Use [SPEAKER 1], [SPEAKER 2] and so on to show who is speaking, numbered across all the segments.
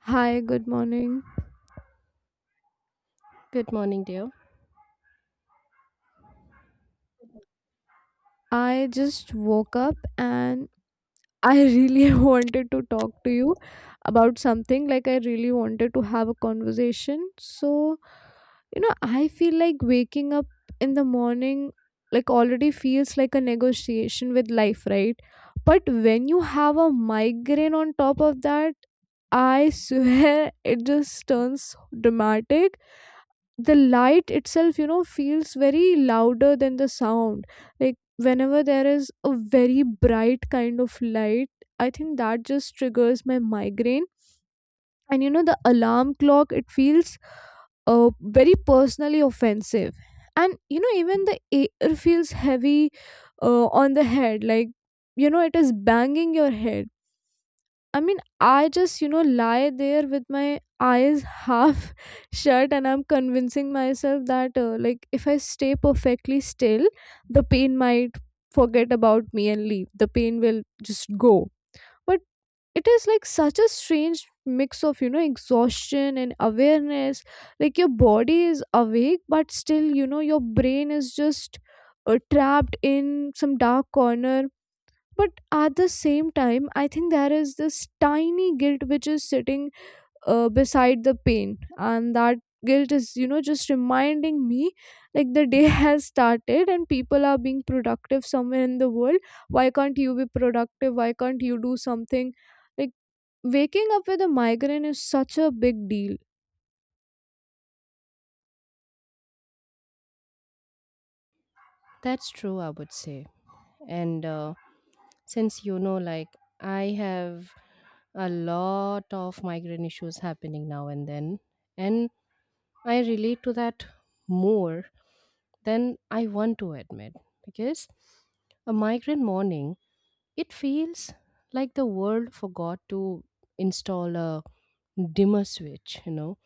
[SPEAKER 1] Hi, good morning.
[SPEAKER 2] Good morning, dear.
[SPEAKER 1] I just woke up and I really wanted to talk to you about something. Like, I really wanted to have a conversation. So, you know, I feel like waking up in the morning, like, already feels like a negotiation with life, right? But when you have a migraine on top of that, I swear it just turns dramatic. The light itself, you know, feels very louder than the sound. Like, whenever there is a very bright kind of light, I think that just triggers my migraine. And you know, the alarm clock, it feels very personally offensive. And you know, even the air feels heavy, on the head, like, you know, it is banging your head. I mean, I just, you know, lie there with my eyes half shut and I'm convincing myself that, like, if I stay perfectly still, the pain might forget about me and leave. The pain will just go. But it is like such a strange mix of, you know, exhaustion and awareness. Like, your body is awake, but still, you know, your brain is just trapped in some dark corner. But at the same time, I think there is this tiny guilt which is sitting beside the pain. And that guilt is, you know, just reminding me, like, the day has started and people are being productive somewhere in the world. Why can't you be productive? Why can't you do something? Like, waking up with a migraine is such a big deal.
[SPEAKER 2] That's true, I would say. And since you know, like, I have a lot of migraine issues happening now and then, and I relate to that more than I want to admit because a migraine morning, it feels like the world forgot to install a dimmer switch, you know,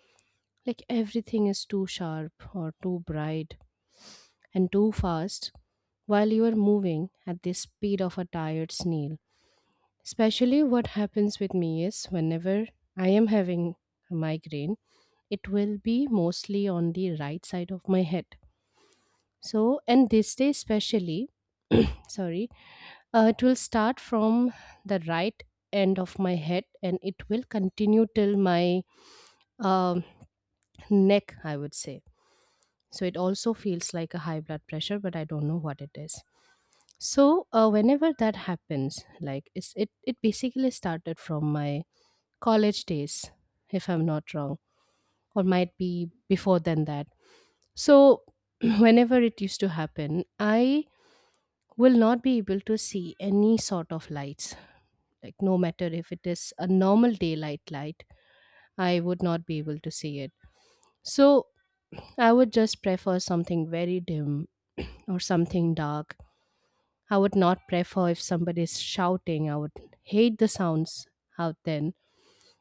[SPEAKER 2] like everything is too sharp or too bright and too fast while you are moving at the speed of a tired snail. Especially what happens with me is whenever I am having a migraine, it will be mostly on the right side of my head. So, and this day especially, sorry, it will start from the right end of my head and it will continue till my um neck, I would say. So it also feels like a high blood pressure, but I don't know what it is. So whenever that happens, like it basically started from my college days, if I'm not wrong, or might be before than that. So whenever it used to happen, I will not be able to see any sort of lights, like no matter if it is a normal daylight light, I would not be able to see it. So I would just prefer something very dim or something dark. I would not prefer if somebody is shouting. I would hate the sounds out then.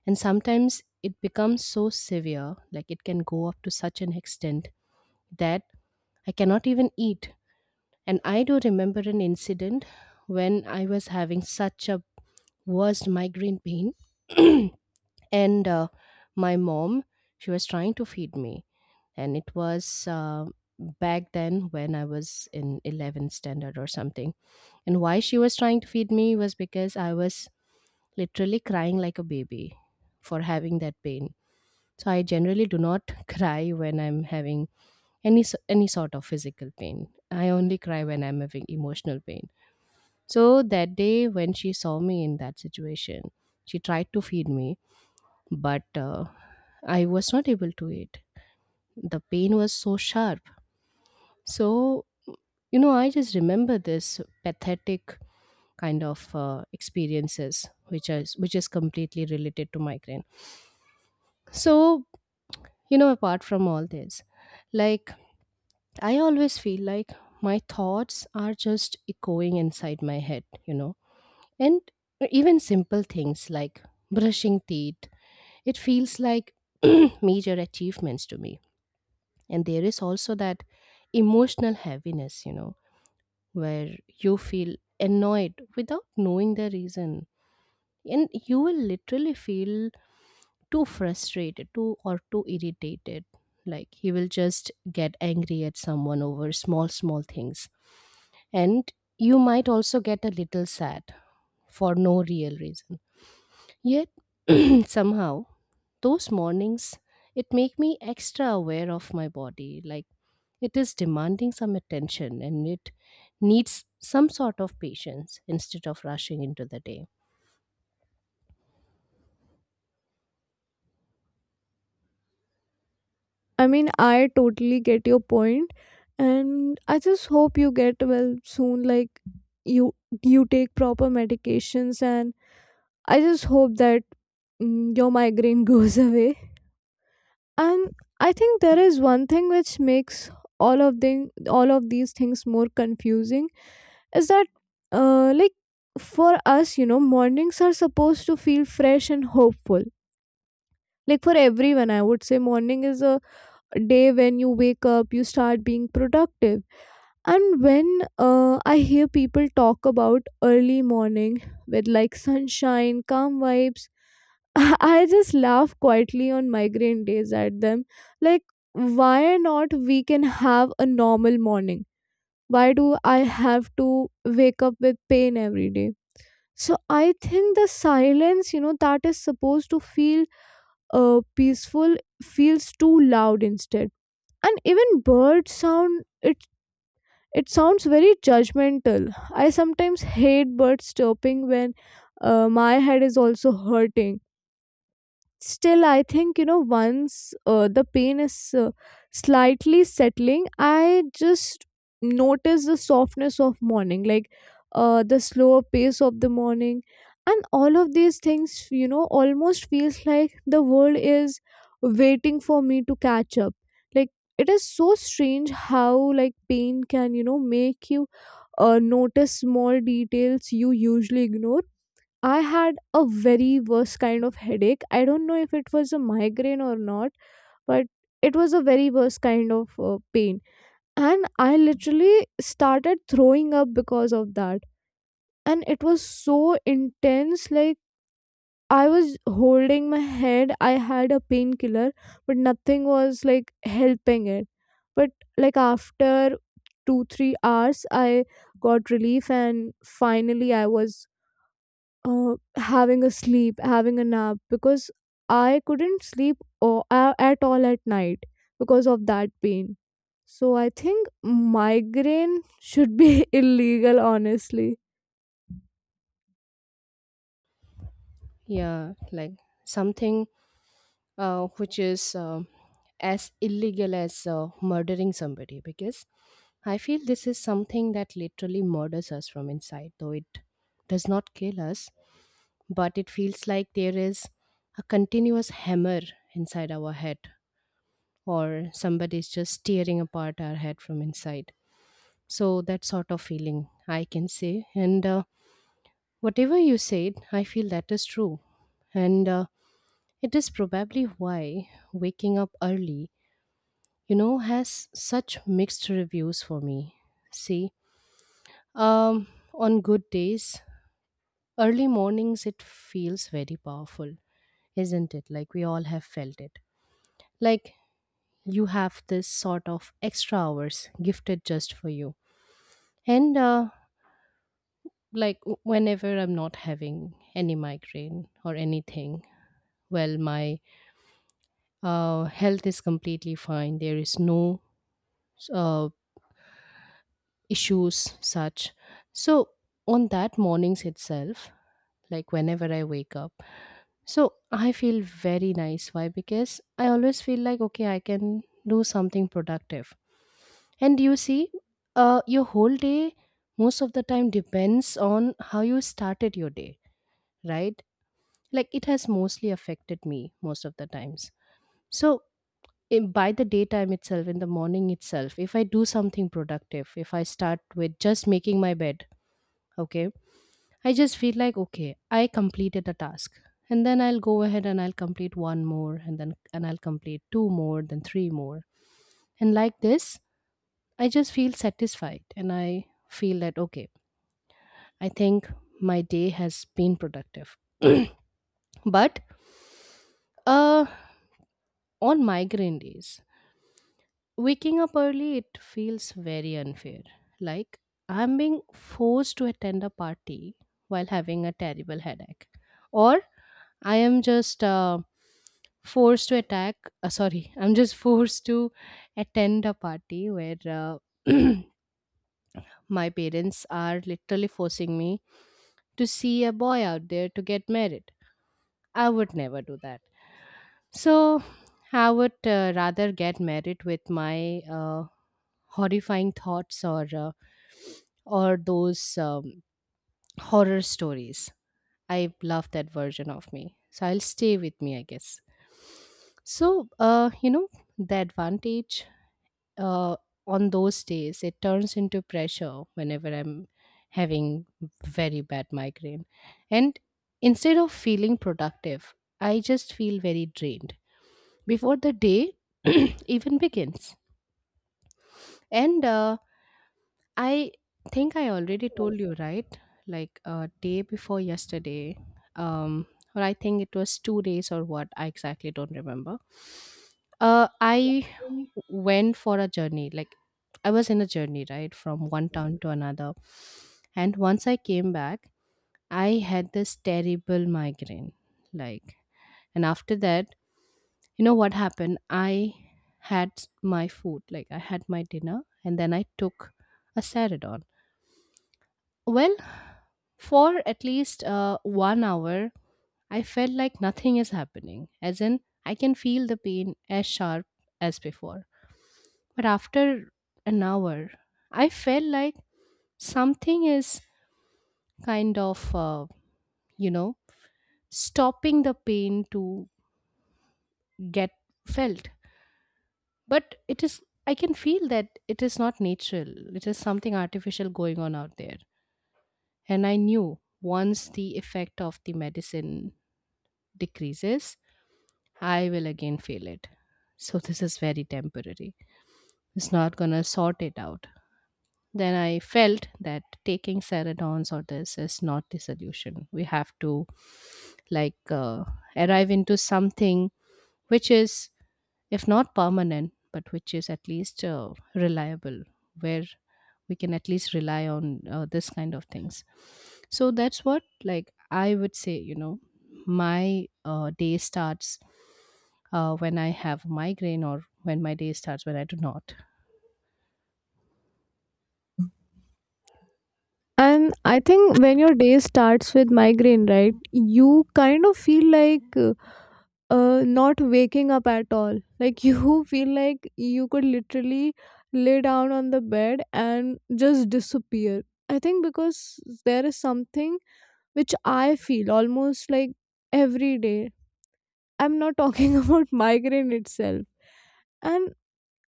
[SPEAKER 2] And sometimes it becomes so severe, like it can go up to such an extent that I cannot even eat. And I do remember an incident when I was having such a worst migraine pain. and my mom, she was trying to feed me. And it was back then when I was in 11th standard or something, and why she was trying to feed me was because I was literally crying like a baby for having that pain. So I generally do not cry when I'm having any sort of physical pain. I only cry when I'm having emotional pain. So that day when she saw me in that situation, she tried to feed me, but I was not able to eat. The pain was so sharp. So you know, I just remember this pathetic kind of experiences which is completely related to migraine. So you know, apart from all this, like, I always feel like my thoughts are just echoing inside my head, you know, and even simple things like brushing teeth, it feels like major achievements to me. And there is also that emotional heaviness, you know, where you feel annoyed without knowing the reason, and you will literally feel too frustrated too or too irritated, like he will just get angry at someone over small small things. And you might also get a little sad for no real reason, yet somehow those mornings it make me extra aware of my body, like it is demanding some attention and it needs some sort of patience instead of rushing into the day.
[SPEAKER 1] I mean, I totally get your point, and I just hope you get well soon. Like, you you take proper medications, and I just hope that your migraine goes away. And I think there is one thing which makes all of these things more confusing, is that, like, for us, you know, mornings are supposed to feel fresh and hopeful. Like for everyone, I would say morning is a day when you wake up, you start being productive. And when I hear people talk about early morning with like sunshine, calm vibes, I just laugh quietly on migraine days at them. Like, why not we can have a normal morning? Why do I have to wake up with pain every day? So I think the silence, you know, that is supposed to feel peaceful feels too loud instead. And even bird sound, it sounds very judgmental. I sometimes hate bird chirping when my head is also hurting. Still, I think, you know, once the pain is slightly settling, I just notice the softness of morning, like, the slower pace of the morning. And all of these things, you know, almost feels like the world is waiting for me to catch up. Like, it is so strange how, like, pain can, you know, make you notice small details you usually ignore. I had a very worst kind of headache. I don't know if it was a migraine or not, but it was a very worst kind of pain. And I literally started throwing up because of that. And it was so intense. Like, I was holding my head. I had a painkiller, but nothing was like helping it. But like, after 2, 3 hours, I got relief, and finally, I was having a nap because I couldn't sleep or, at all at night because of that pain. So I think migraine should be illegal, honestly.
[SPEAKER 2] Yeah, like something which is as illegal as murdering somebody, because I feel this is something that literally murders us from inside, though it does not kill us, but it feels like there is a continuous hammer inside our head, or somebody is just tearing apart our head from inside. So, that sort of feeling I can say. And whatever you said, I feel that is true. And it is probably why waking up early, you know, has such mixed reviews for me. See, um on good days, early mornings it feels very powerful, isn't it? Like we all have felt it. Like you have this sort of extra hours gifted just for you. And like whenever I'm not having any migraine or anything, well, my health is completely fine, there is no uh issues such. So on that mornings itself, like whenever I wake up, so I feel very nice. Why? Because I always feel like, okay, I can do something productive. And you see, your whole day most of the time depends on how you started your day, right? Like it has mostly affected me most of the times. So by the daytime itself, in the morning itself, if I do something productive, if I start with just making my bed, okay, I just feel like, okay, I completed a task. And then I'll go ahead and I'll complete one more, and then and I'll complete two more, then three more. And like this, I just feel satisfied and I feel that, okay, I think my day has been productive. But uh on migraine days, waking up early it feels very unfair. Like I'm being forced to attend a party while having a terrible headache. Or I am just forced to attack sorry, I'm just forced to attend a party where my parents are literally forcing me to see a boy out there to get married. I would never do that. So I would rather get married with my horrifying thoughts, or those horror stories. I love that version of me, so I'll stay with me, I guess. So you know, the advantage, uh, on those days it turns into pressure whenever I'm having very bad migraine. And instead of feeling productive, I just feel very drained before the day even begins. And I think I already told you, right? Like day before yesterday, um, or I think it was 2 days or what, I exactly don't remember. I went for a journey. Like I was in a journey, right, from one town to another. And once I came back, I had this terrible migraine. Like, and after that, you know what happened? I had my food, like I had my dinner, and then I took a Ceridon. Well, for at least 1 hour, I felt like nothing is happening, as in, I can feel the pain as sharp as before. But after an hour, I felt like something is kind of, you know, stopping the pain to get felt. But it is, I can feel that it is not natural, it is something artificial going on out there. And I knew once the effect of the medicine decreases, I will again fail it. So this is very temporary. It's not going to sort it out. Then I felt that taking serotonin or this is not the solution. We have to, like, arrive into something which is if not permanent, but which is at least reliable, where we can at least rely on this kind of things. So that's what, like, I would say, you know, my day starts when I have migraine, or when my day starts when I do not.
[SPEAKER 1] And I think when your day starts with migraine, right, you kind of feel like not waking up at all. Like you feel like you could literally lay down on the bed and just disappear. I think because there is something which I feel almost like every day. I'm not talking about migraine itself. And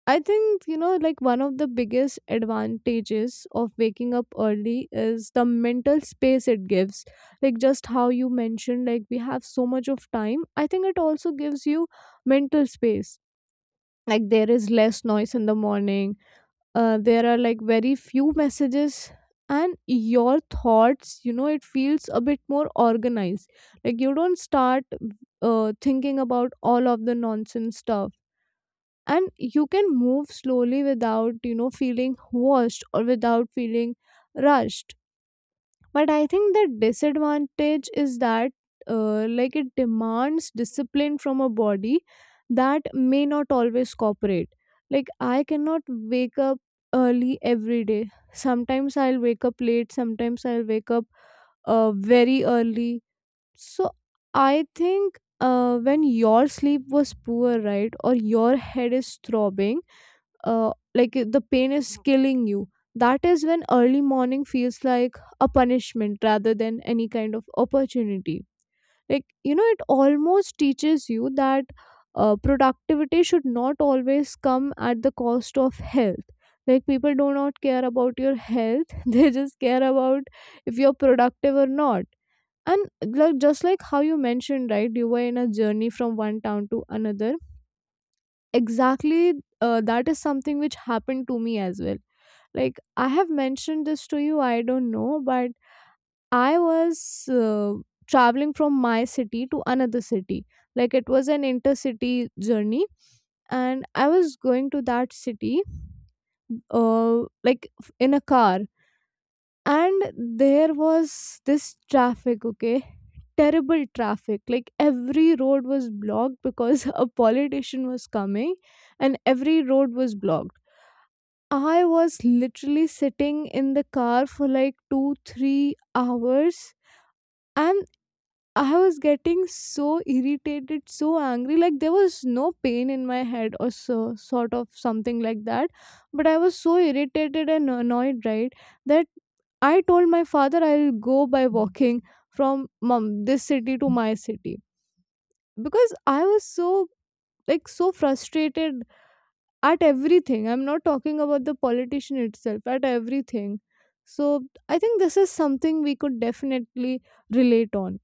[SPEAKER 1] I think, you know, like one of the biggest advantages of waking up early is the mental space it gives. Like just how you mentioned, like we have so much of time. I think it also gives you mental space. Like, there is less noise in the morning, there are like very few messages, and your thoughts, you know, it feels a bit more organized. Like, you don't start thinking about all of the nonsense stuff, and you can move slowly without, you know, feeling washed or without feeling rushed. But I think the disadvantage is that, like, it demands discipline from a body that may not always cooperate. Like, I cannot wake up early every day. Sometimes I'll wake up late, sometimes I'll wake up very early. So I think, when your sleep was poor, right, or your head is throbbing, like, the pain is killing you, that is when early morning feels like a punishment rather than any kind of opportunity. Like, you know, it almost teaches you that productivity should not always come at the cost of health. Like, people do not care about your health, they just care about if you're productive or not. And, like, just like how you mentioned, right, you were in a journey from one town to another. Exactly, that is something which happened to me as well. Like, I have mentioned this to you, I don't know, but I was traveling from my city to another city. Like, it was an intercity journey, and I was going to that city, like, in a car, and there was this traffic, okay? Terrible traffic. Like, every road was blocked because a politician was coming, and every road was blocked. I was literally sitting in the car for like 2, 3 hours. And I was getting so irritated, so angry. Like, there was no pain in my head or so, sort of something like that. But I was so irritated and annoyed, right? That I told my father I'll go by walking from mom, this city to my city. Because I was so, like, so frustrated at everything. I'm not talking about the politician itself, at everything. So I think this is something we could definitely relate on.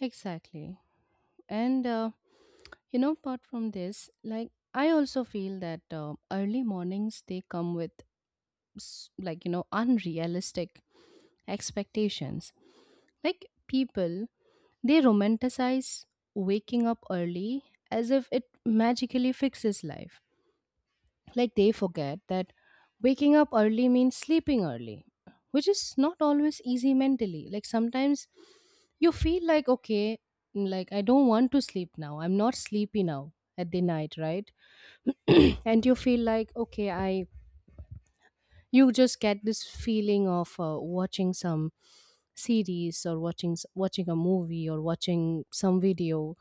[SPEAKER 2] Exactly. And, you know, apart from this, like, I also feel that early mornings they come with like, you know, unrealistic expectations. Like people, they romanticize waking up early as if it magically fixes life. Like they forget that waking up early means sleeping early, which is not always easy mentally. Like sometimes you feel like, okay, like I don't want to sleep now. I'm not sleepy now at the night, right? And you feel like, okay, you just get this feeling of watching some series, or watching watching a movie, or watching some video,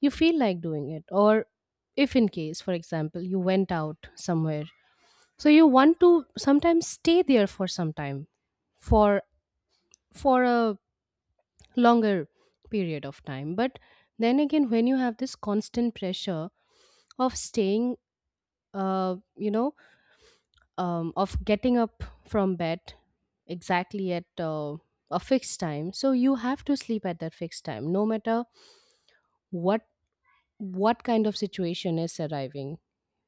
[SPEAKER 2] you feel like doing it. Or if in case, for example, you went out somewhere, so you want to sometimes stay there for some time, for a longer period of time. But then again, when you have this constant pressure of staying, you know, of getting up from bed exactly at a fixed time, so you have to sleep at that fixed time, no matter what what kind of situation is arriving.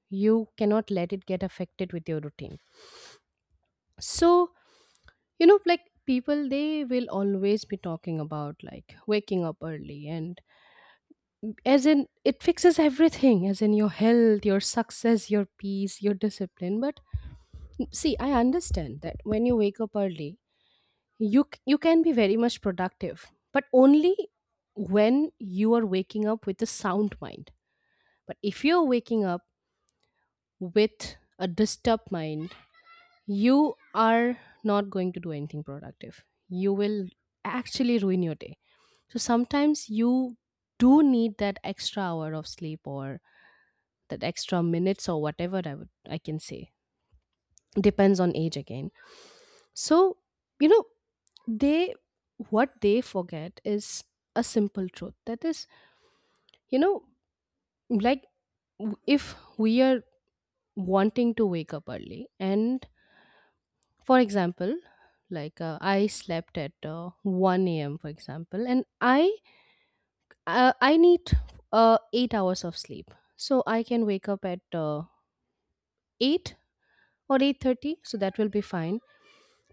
[SPEAKER 2] You cannot let it get affected with your routine. So you know, like, people, they will always be talking about like waking up early, and as in it fixes everything, as in your health, your success, your peace, your discipline. But see, I understand that when you wake up early, you can be very much productive, but only when you are waking up with a sound mind. But if you're waking up with a disturbed mind, you are not going to do anything productive. You will actually ruin your day. So sometimes you do need that extra hour of sleep, or that extra minutes, or whatever I would, I can say. Depends on age again. So, you know, they, what they forget is a simple truth. That is, you know, like, if we are wanting to wake up early, and for example, like I slept at 1 a.m. for example, and I need 8 hours of sleep, so I can wake up at 8 or 8:30, so that will be fine.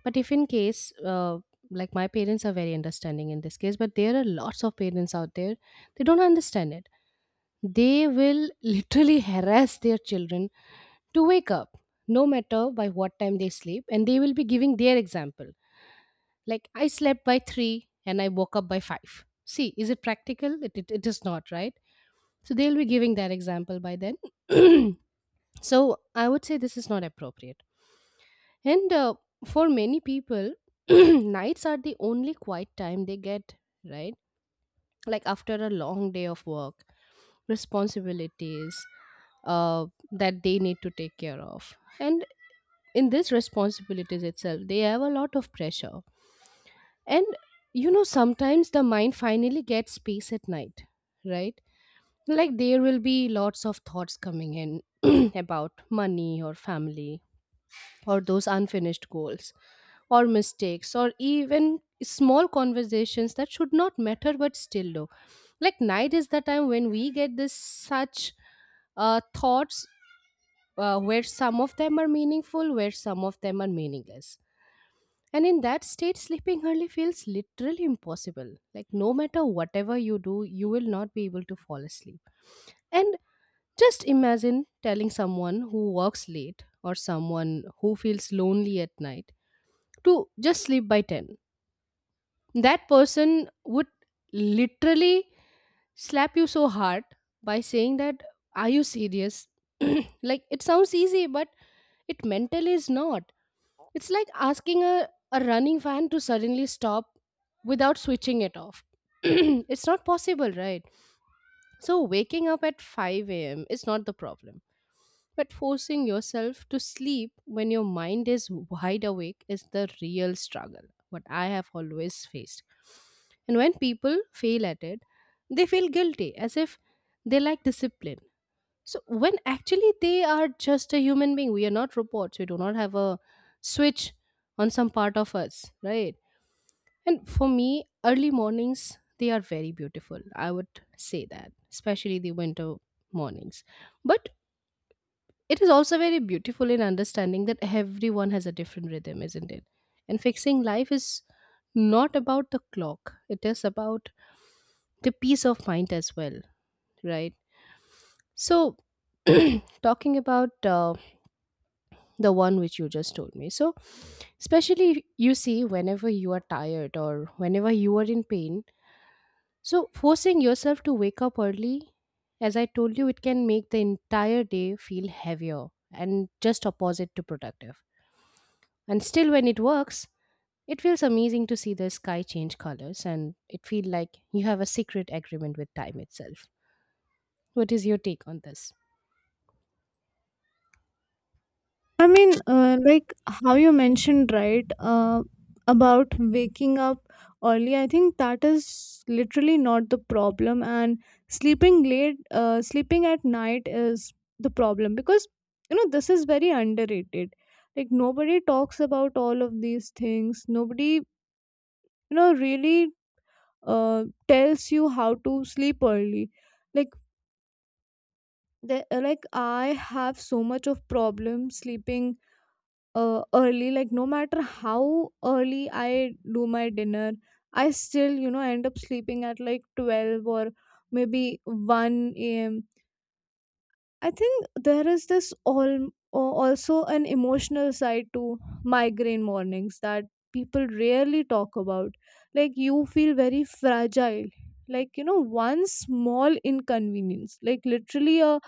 [SPEAKER 2] But if in case like my parents are very understanding in this case, but there are lots of parents out there they don't understand it. They will literally harass their children to wake up no matter by what time they sleep, and they will be giving their example. Like I slept by 3 and I woke up by 5. See, is it practical? It is not, right? So they'll be giving that example by then. So I would say this is not appropriate. And for many people, nights are the only quiet time they get, right? Like after a long day of work, responsibilities uh, that they need to take care of. And in these responsibilities itself, they have a lot of pressure. And sometimes the mind finally gets space at night, right? Like there will be lots of thoughts coming in about money or family or those unfinished goals or mistakes or even small conversations that should not matter but still do. Like night is the time when we get this such thoughts where some of them are meaningful, where some of them are meaningless. And in that state, sleeping early feels literally impossible. Like, no matter whatever you do, you will not be able to fall asleep. And just imagine telling someone who works late or someone who feels lonely at night to just sleep by 10. That person would literally slap you so hard by saying that, are you serious? Like, it sounds easy, but it mentally is not. It's like asking a running fan to suddenly stop without switching it off. It's not possible, right? So, waking up at 5 a.m. is not the problem. But forcing yourself to sleep when your mind is wide awake is the real struggle, what I have always faced. And when people fail at it, they feel guilty as if they lack discipline. So when actually they are just a human being, we are not robots. We do not have a switch on some part of us, right? And for me, early mornings they are very beautiful. I would say that, especially the winter mornings. But it is also very beautiful in understanding that everyone has a different rhythm, isn't it? And fixing life is not about the clock. It is about the peace of mind as well, right? So talking about the one which you just told me. So, especially you see, whenever you are tired or whenever you are in pain, so forcing yourself to wake up early, as I told you, it can make the entire day feel heavier and just opposite to productive. And still, when it works, it feels amazing to see the sky change colors, and it feels like you have a secret agreement with time itself. What is your take on this?
[SPEAKER 1] I mean, like, how you mentioned, right, about waking up early, I think that is literally not the problem. And sleeping at night is the problem, because, you know, this is very underrated. Like, nobody talks about all of these things, nobody, you know, really tells you how to sleep early. Like, like, I have so much of problem sleeping early. Like, no matter how early I do my dinner, I still, you know, end up sleeping at like 12 or maybe 1 a.m. I think there is this all also an emotional side to migraine mornings that people rarely talk about. Like, you feel very fragile. Like, you know, one small inconvenience, like literally a,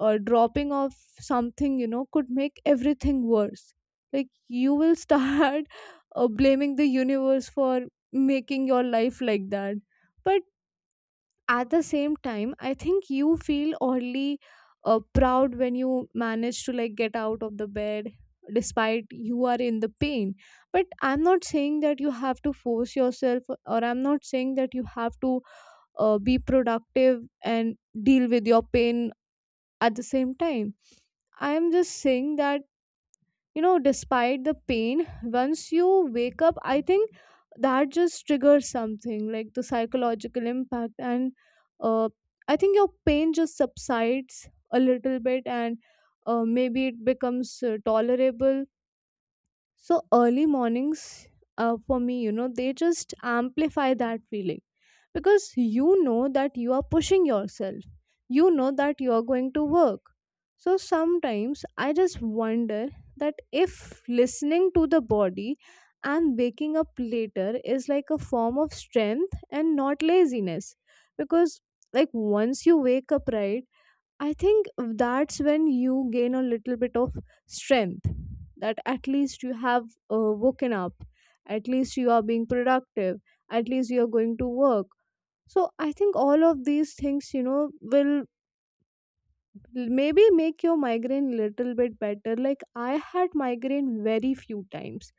[SPEAKER 1] a dropping of something, you know, could make everything worse. Like, you will start blaming the universe for making your life like that. But at the same time, I think you feel oddly proud when you manage to like get out of the bed despite you are in the pain. But I'm not saying that you have to force yourself, or I'm not saying that you have to be productive and deal with your pain at the same time. I am just saying that, you know, despite the pain, once you wake up, I think that just triggers something like the psychological impact. And uh, I think your pain just subsides a little bit, and maybe it becomes tolerable. So early mornings, for me, you know, they just amplify that feeling because you know that you are pushing yourself. You know that you are going to work. So sometimes I just wonder that if listening to the body and waking up later is like a form of strength and not laziness. Because, like, once you wake up, right, I think that's when you gain a little bit of strength, that at least you have woken up, at least you are being productive, at least you are going to work. So I think all of these things, you know, will maybe make your migraine little bit better. Like, I had migraine very few times.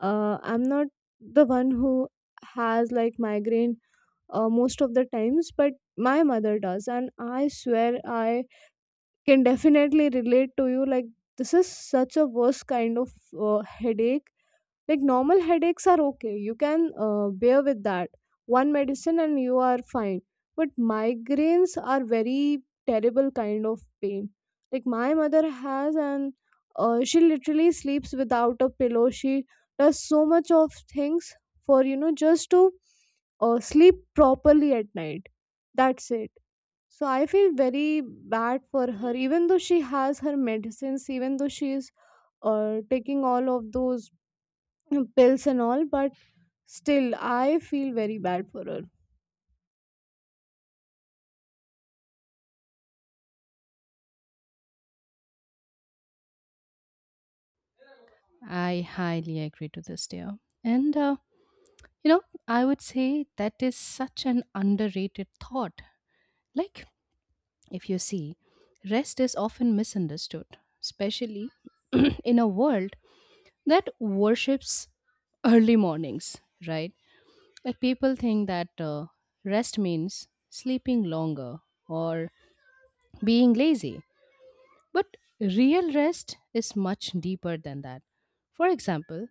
[SPEAKER 1] I'm not the one who has like migraine most of the times, but my mother does, and I swear I can definitely relate to you. Like, this is such a worst kind of headache. Like, normal headaches are okay, you can bear with that, one medicine and you are fine. But migraines are very terrible kind of pain. Like, my mother has, and she literally sleeps without a pillow, she does so much of things for, you know, just to sleep properly at night. That's it. So I feel very bad for her, even though she has her medicines, even though she is taking all of those pills and all. But still, I feel very bad for her.
[SPEAKER 2] I highly agree to this, dear. And You know, I would say that is such an underrated thought. Like, if you see, rest is often misunderstood, especially in a world that worships early mornings, right? Like, people think that rest means sleeping longer or being lazy. But real rest is much deeper than that. For example,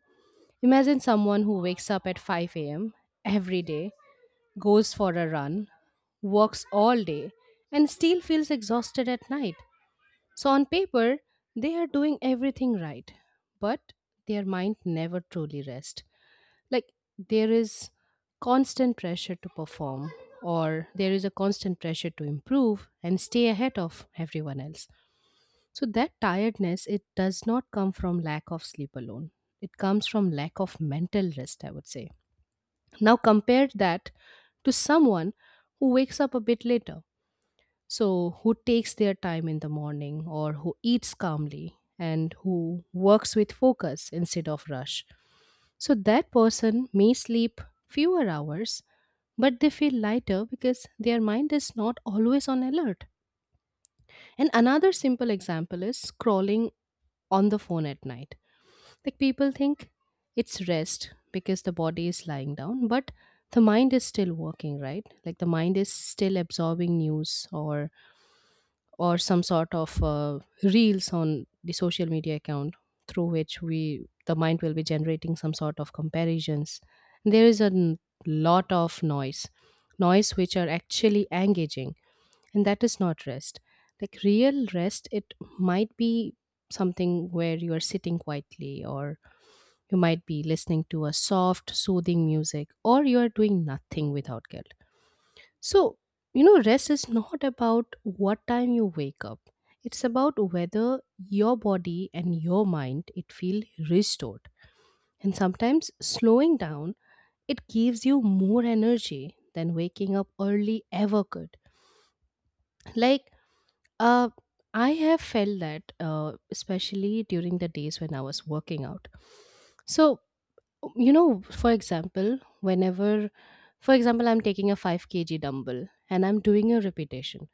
[SPEAKER 2] imagine someone who wakes up at 5 a.m. every day, goes for a run, works all day, and still feels exhausted at night. So, on paper, they are doing everything right, but their mind never truly rests. Like, there is constant pressure to perform, or there is a constant pressure to improve and stay ahead of everyone else. So, that tiredness, it does not come from lack of sleep alone. It comes from lack of mental rest, I would say. Now compare that to someone who wakes up a bit later. So, who takes their time in the morning or who eats calmly and who works with focus instead of rush. So, that person may sleep fewer hours, but they feel lighter because their mind is not always on alert. And another simple example is scrolling on the phone at night. Like people think it's rest because the body is lying down, but the mind is still working, right? Like the mind is still absorbing news or some sort of reels on the social media account, through which we the mind will be generating some sort of comparisons. There is a lot of noise, noise which are actually engaging, and that is not rest. Like real rest, it might be something where you are sitting quietly, or you might be listening to a soft, soothing music, or you are doing nothing without guilt. So, rest is not about what time you wake up. It's about whether your body and your mind it feel restored. And sometimes slowing down, it gives you more energy than waking up early ever could. Like uh I have felt that especially during the days when I was working out. So for example I'm taking a 5 kg dumbbell and I'm doing a repetition,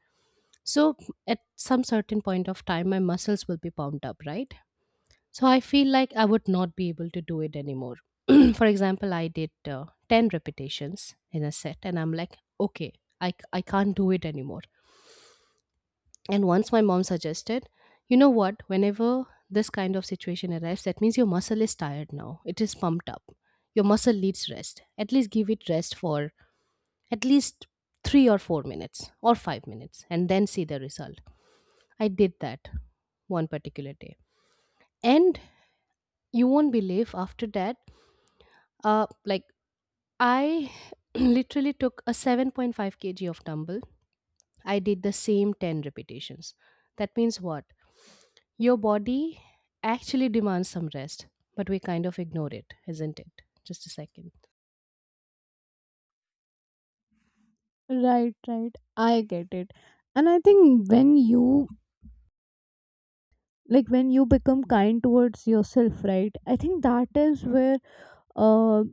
[SPEAKER 2] so at some certain point of time my muscles will be pumped up, right? So I feel like I would not be able to do it anymore. For example, I did 10 repetitions in a set and I'm like, okay, I can't do it anymore. And once my mom suggested, you know what, whenever this kind of situation arrives, that means your muscle is tired now. It is pumped up. Your muscle needs rest. At least give it rest for at least 3 or 4 minutes or 5 minutes, and then see the result. I did that one particular day. And you won't believe, after that, like I literally took a 7.5 kg of dumbbell. I did the same 10 repetitions. That means what? Your body actually demands some rest, but we kind of ignore it, isn't it? Just a second.
[SPEAKER 1] Right, right. I get it. And I think when you, like, when you become kind towards yourself, right? I think that is where uh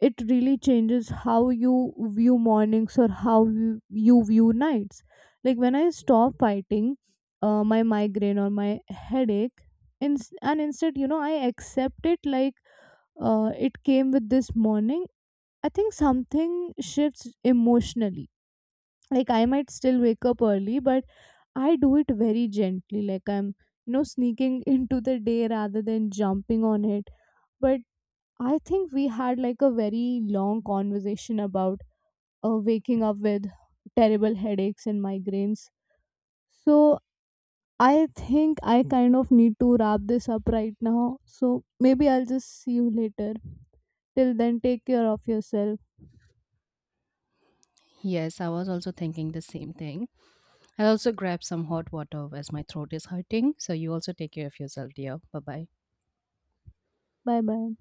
[SPEAKER 1] it really changes how you view mornings or how you view nights. Like, when I stop fighting my migraine or my headache, in, and instead, you know, I accept it, like, it came with this morning. I think something shifts emotionally. Like, I might still wake up early, but I do it very gently, like, I'm, you know, sneaking into the day rather than jumping on it. But I think we had like a very long conversation about waking up with terrible headaches and migraines. So I think I kind of need to wrap this up right now, so maybe I'll just see you later. Till then, take care of yourself.
[SPEAKER 2] Yes, I was also thinking the same thing. I'll also grab some hot water as my throat is hurting. So you also take care of yourself, dear. Bye bye.
[SPEAKER 1] Bye bye.